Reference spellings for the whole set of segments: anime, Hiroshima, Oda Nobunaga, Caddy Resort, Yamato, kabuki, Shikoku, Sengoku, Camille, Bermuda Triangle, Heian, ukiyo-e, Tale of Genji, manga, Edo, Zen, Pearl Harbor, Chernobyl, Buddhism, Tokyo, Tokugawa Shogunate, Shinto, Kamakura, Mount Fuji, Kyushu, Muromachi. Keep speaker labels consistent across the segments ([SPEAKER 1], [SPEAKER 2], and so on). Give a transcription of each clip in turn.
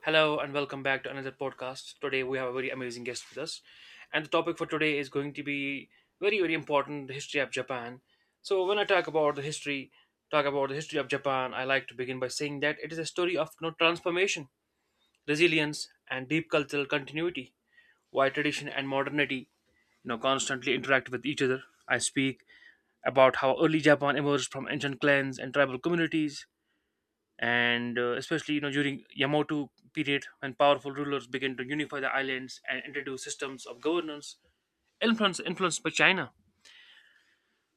[SPEAKER 1] Hello and welcome back to another podcast. Today we have a very amazing guest with us, and the topic for today is going to be very very important: the history of Japan. So when I talk about the history, talk about the history of Japan, I like to begin by saying that it is a story of transformation, resilience, and deep cultural continuity. Why tradition and modernity, constantly interact with each other. I speak about how early Japan emerged from ancient clans and tribal communities and especially during Yamato period when powerful rulers began to unify the islands and introduce systems of governance influenced by China.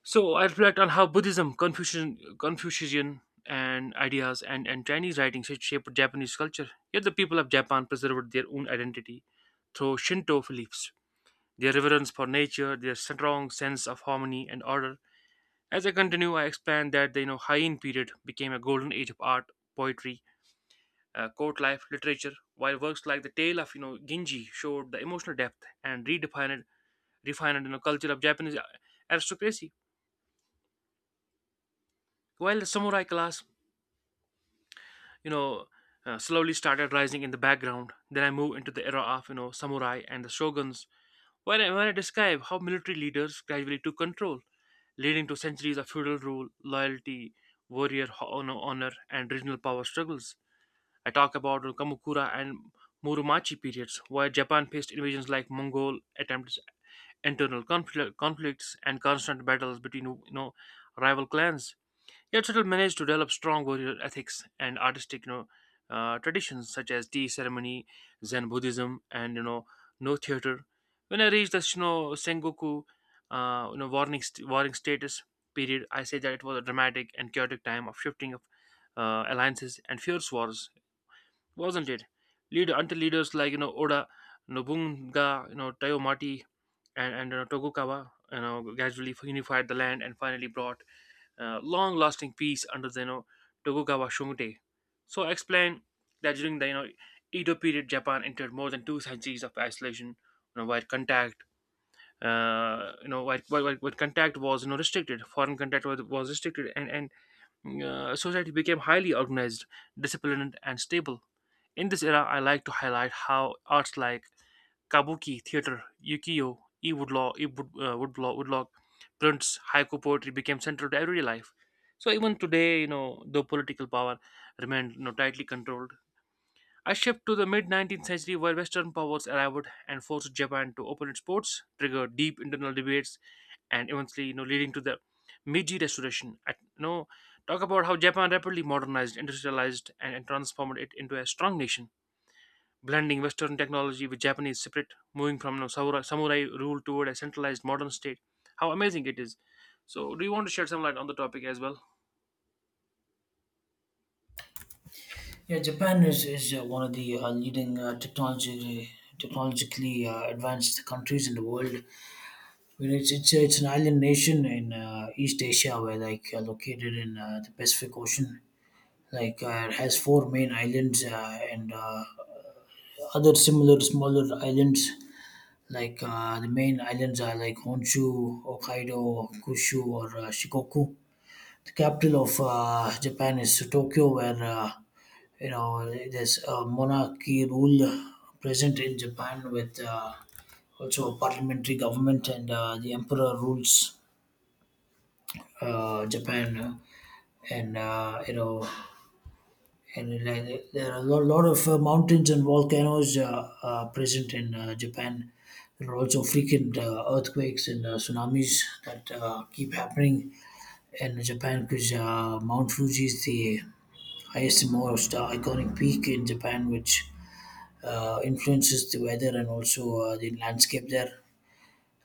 [SPEAKER 1] So I reflect on how Buddhism, Confucian and ideas and Chinese writings had shaped Japanese culture. Yet the people of Japan preserved their own identity through Shinto beliefs, their reverence for nature, their strong sense of harmony and order. As I continue, I expand that the Heian period became a golden age of art, poetry, court life literature, while works like The Tale of Genji showed the emotional depth and redefined refined culture of Japanese aristocracy, while the samurai class you know slowly started rising in the background. Then I moved into the era of samurai and the shoguns, where where I describe how military leaders gradually took control, leading to centuries of feudal rule, loyalty, warrior honor, and regional power struggles. I talk about Kamakura and Muromachi periods, where Japan faced invasions like Mongol attempts, conflicts, and constant battles between rival clans. Yet still managed to develop strong warrior ethics and artistic traditions such as tea ceremony, Zen Buddhism, and no theater. When I reached the Sengoku, warring status period, I say that it was a dramatic and chaotic time of shifting of alliances and fierce wars, wasn't it? Lead until leaders like Oda Nobunaga, Toyomati, and Tokugawa, gradually unified the land and finally brought long-lasting peace under the Tokugawa Shogunate. So I explained that during the Edo period, Japan entered more than two centuries of isolation, you know, where contact. You know, where contact was restricted, foreign contact was restricted, and society became highly organized, disciplined, and stable in this era. I like to highlight how arts like kabuki theater, ukiyo, e woodlaw, e wood, woodblock, woodlock, prints, haiku poetry became central to everyday life. So even today, though political power remained tightly controlled, I shift to the mid 19th century where Western powers arrived and forced Japan to open its ports, triggered deep internal debates, and eventually, leading to the Meiji Restoration. Talk about how Japan rapidly modernized, industrialized, and transformed it into a strong nation blending Western technology with Japanese spirit, moving from samurai rule toward a centralized modern state. How amazing it is! So, do you want to shed some light on the topic as well?
[SPEAKER 2] Yeah, Japan is one of the leading technologically advanced countries in the world. I mean, it's an island nation in East Asia where like located in the Pacific Ocean. It has four main islands and other similar smaller islands. The main islands are like Honshu, Hokkaido, Kyushu, or Shikoku. The capital of Japan is Tokyo, where there's a monarchy rule present in Japan with also a parliamentary government, and the emperor rules Japan. And uh, you know, and there are a lot of mountains and volcanoes present in Japan. There are also frequent earthquakes and tsunamis that keep happening in Japan because Mount Fuji is the highest and most iconic peak in Japan, which influences the weather and also the landscape there.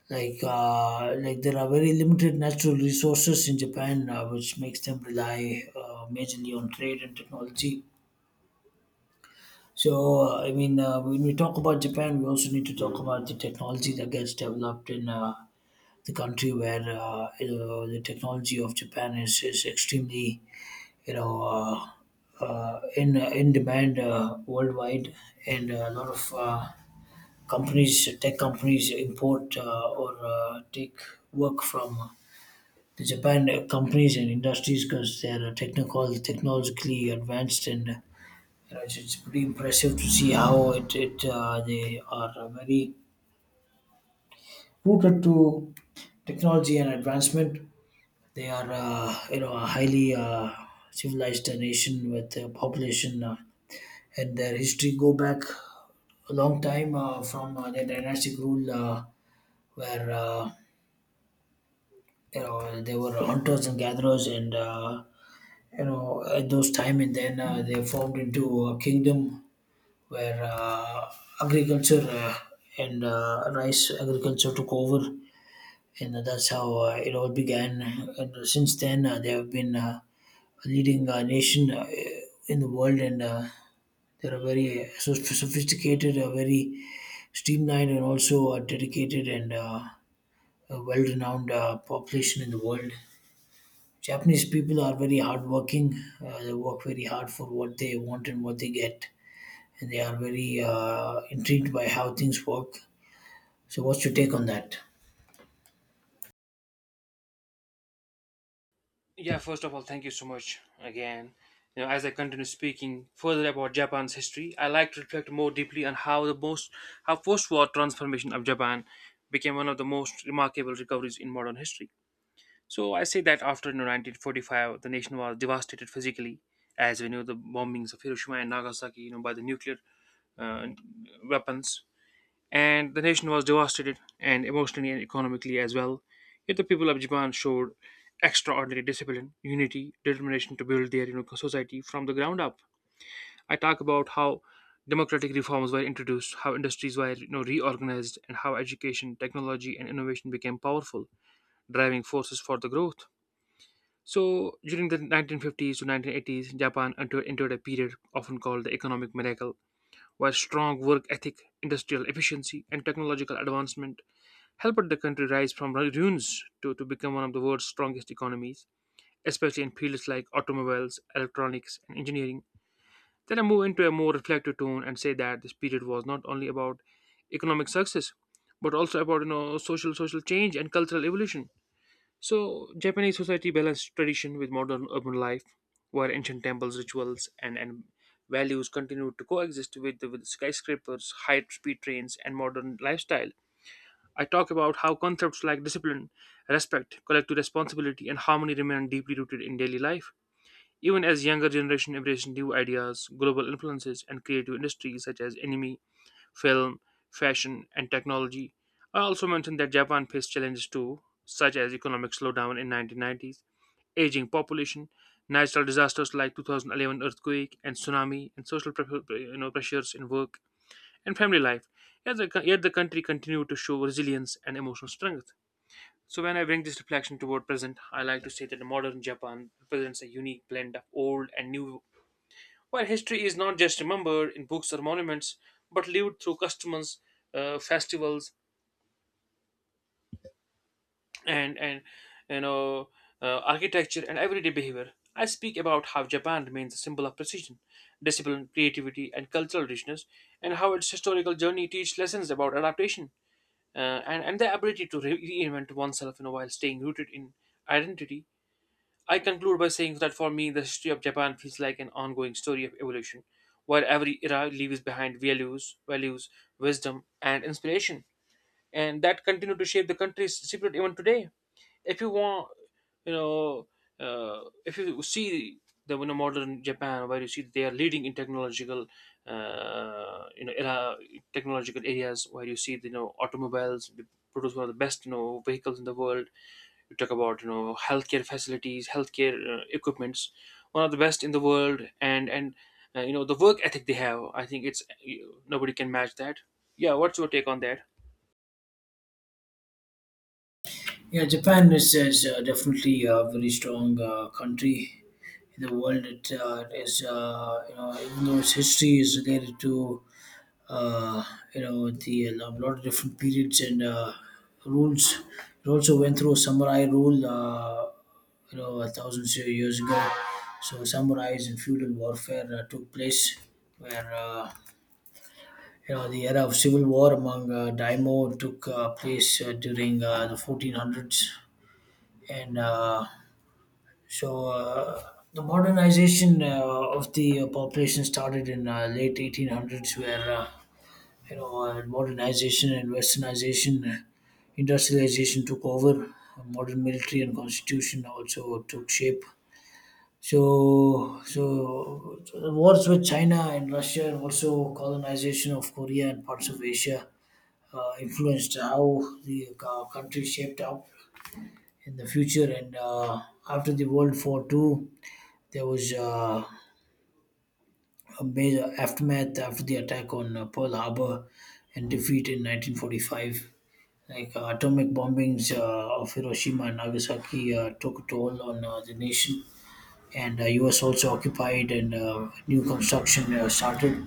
[SPEAKER 2] Like there are very limited natural resources in Japan, which makes them rely majorly on trade and technology. I mean, when we talk about Japan, we also need to talk about the technology that gets developed in the country where the technology of Japan is extremely you know in demand worldwide, and a lot of companies, tech companies import or take work from the Japan companies and industries because they're technologically advanced, and it's pretty impressive to see how it, it they are very rooted to technology and advancement. They are a highly civilized nation with a population, and their history go back a long time from their dynastic rule, where they were hunters and gatherers, and you know, at those time. And then they formed into a kingdom where agriculture and rice agriculture took over, and that's how it all began. And since then they have been a leading nation in the world, and they're a very sophisticated, very streamlined, and also dedicated, and a well-renowned population in the world. Japanese people are very hardworking. They work very hard for what they want and what they get, and they are very intrigued by how things work. So, what's your take on that?
[SPEAKER 1] Yeah, first of all, thank you so much again. You know, as I continue speaking further about Japan's history, I like to reflect more deeply on how the most how post-war transformation of Japan became one of the most remarkable recoveries in modern history. So I say that after 1945, the nation was devastated physically, as we know the bombings of Hiroshima and Nagasaki, by the nuclear uh, weapons, and the nation was devastated and emotionally and economically as well. Yet the people of Japan showed extraordinary discipline, unity, determination to build their society from the ground up. I talk about how democratic reforms were introduced, how industries were reorganized, and how education, technology, and innovation became powerful driving forces for the growth. So, during the 1950s to 1980s, Japan entered a period often called the economic miracle, while strong work ethic, industrial efficiency, and technological advancement helped the country rise from ruins to become one of the world's strongest economies, especially in fields like automobiles, electronics, and engineering. Then I move into a more reflective tone and say that this period was not only about economic success, but also about social change and cultural evolution. So, Japanese society balanced tradition with modern urban life, where ancient temples, rituals, and values continued to coexist with skyscrapers, high speed trains, and modern lifestyle. I talk about how concepts like discipline, respect, collective responsibility, and harmony remain deeply rooted in daily life. Even as younger generation embrace new ideas, global influences, and creative industries such as anime, film, fashion, and technology. I also mentioned that Japan faced challenges too, such as economic slowdown in 1990s, aging population, natural disasters like 2011 earthquake and tsunami, and social pre- you know, pressures in work and family life. Yet the country continued to show resilience and emotional strength. So when I bring this reflection toward present, I like to say that the modern Japan represents a unique blend of old and new while history is not just remembered in books or monuments, but lived through customs, festivals, and you know architecture and everyday behavior. I speak about how Japan remains a symbol of precision, discipline, creativity, and cultural richness, and how its historical journey teaches lessons about adaptation uh, and the ability to reinvent oneself, while staying rooted in identity. I conclude by saying that for me, the history of Japan feels like an ongoing story of evolution, where every era leaves behind values, wisdom, and inspiration, and that continue to shape the country's secret even today. If you want, you know, if you see the modern Japan, where you see they are leading in uh, you know, era technological areas, where you see the automobiles, they produce one of the best vehicles in the world. We talk about healthcare facilities, healthcare equipments, one of the best in the world, and the work ethic they have, I think it's nobody can match that. Yeah, what's your take on that?
[SPEAKER 2] Yeah, Japan is definitely a very strong country in the world. It is, even though its history is related to uh, the a lot of different periods and rules. It also went through a samurai rule, a thousand years ago. So samurais and feudal warfare took place, where the era of civil war among daimyo took place during the 1400s, and so. Uh, the modernization of the population started in late 1800s, where modernization and westernization, industrialization took over. Modern military and constitution also took shape. So the wars with China and Russia, and also colonization of Korea and parts of Asia, influenced how the country shaped up in the future. And after the World War Two, there was a major aftermath after the attack on Pearl Harbor and defeat in 1945. Atomic bombings of Hiroshima and Nagasaki took a toll on the nation, and U.S. also occupied, and new construction started.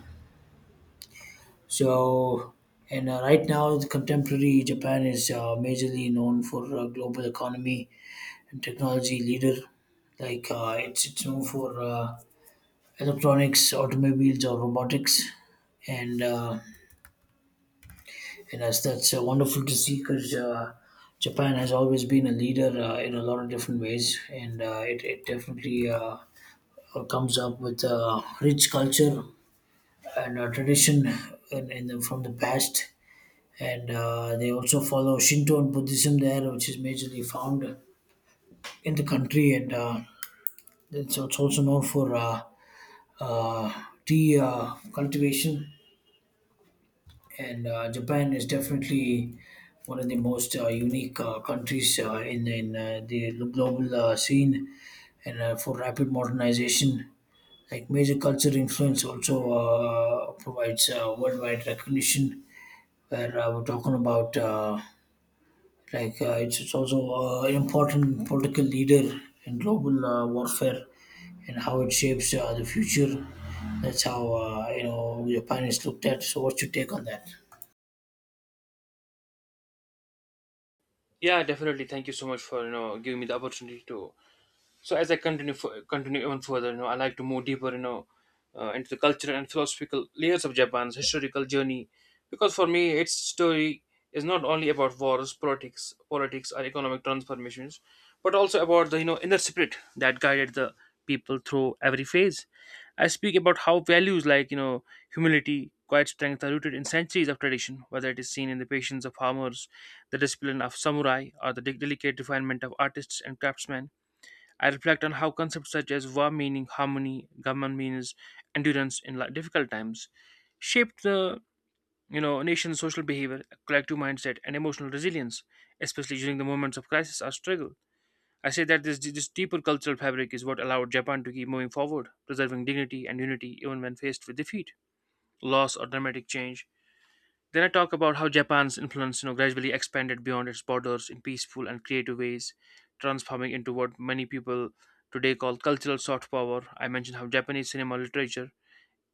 [SPEAKER 2] So, and Right now, the contemporary Japan is majorly known for global economy and technology leader. It's known for electronics, automobiles, or robotics, and Yes, that's wonderful to see because Japan has always been a leader in a lot of different ways, and it definitely comes up with rich culture and tradition from the past. And they also follow Shinto and Buddhism there, which is majorly found in the country, and it's also known for tea cultivation, and Japan is definitely one of the most unique countries in the global scene, and for rapid modernization, like major culture influence also provides worldwide recognition. Where We're talking about it's also an important political leader in global warfare and how it shapes the future. That's how Japan is looked at. So, what's your take on that?
[SPEAKER 1] Yeah, definitely, thank you so much for giving me the opportunity to. So as I continue even further, you know, I like to move deeper, into the cultural and philosophical layers of Japan's historical journey, because for me, its story is not only about wars, politics, or economic transformations, but also about the inner spirit that guided the people through every phase. I speak about how values like humility, quiet strength are rooted in centuries of tradition, whether it is seen in the patience of farmers, the discipline of samurai, or the delicate refinement of artists and craftsmen. I reflect on how concepts such as war meaning, harmony, government means endurance in difficult times shaped the nation's social behavior, collective mindset, and emotional resilience, especially during the moments of crisis or struggle. I say that this deeper cultural fabric is what allowed Japan to keep moving forward, preserving dignity and unity even when faced with defeat, loss, or dramatic change. Then I talk about how Japan's influence, gradually expanded beyond its borders in peaceful and creative ways, transforming into what many people today call cultural soft power. I mentioned how Japanese cinema, literature,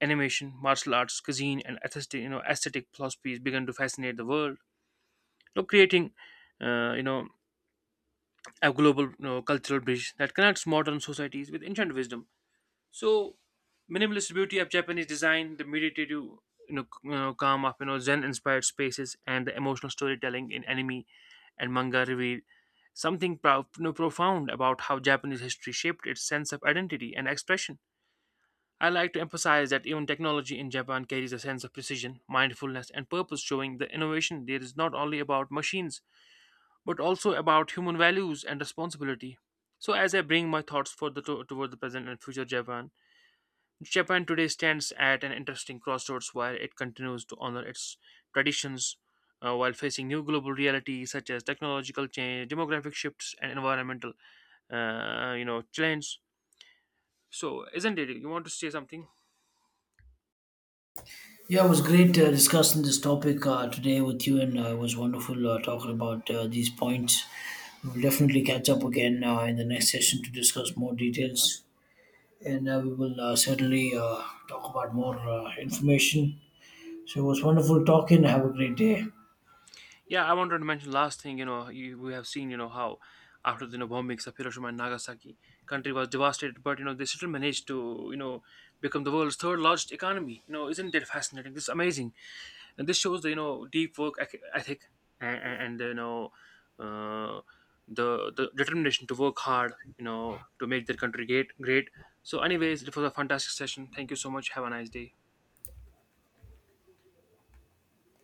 [SPEAKER 1] animation, martial arts, cuisine, and aesthetic philosophies began to fascinate the world, you know, creating, uh, you know, a global cultural bridge that connects modern societies with ancient wisdom. So minimalist beauty of Japanese design, the meditative, you know, c- calm of Zen-inspired spaces, and the emotional storytelling in anime and manga reveal something profound about how Japanese history shaped its sense of identity and expression. I like to emphasize that even technology in Japan carries a sense of precision, mindfulness, and purpose, showing the innovation there is not only about machines but also about human values and responsibility. So, as I bring my thoughts for the toward the present and future Japan, Japan today stands at an interesting crossroads while it continues to honor its traditions while facing new global realities such as technological change, demographic shifts, and environmental, challenge. So, isn't it? You want to say something?
[SPEAKER 2] Yeah, it was great discussing this topic today with you, and it was wonderful talking about these points. We'll definitely catch up again in the next session to discuss more details, and we will certainly talk about more information. So it was wonderful talking. Have a great day.
[SPEAKER 1] Yeah, I wanted to mention last thing. We have seen, how after the bombings of Hiroshima and Nagasaki, country was devastated, but they still managed to, become the world's third largest economy. You know, isn't that fascinating? This is amazing. And this shows the deep work ethic and, uh, the determination to work hard to make their country great. So anyways, it was a fantastic session. Thank you so much, have a nice day.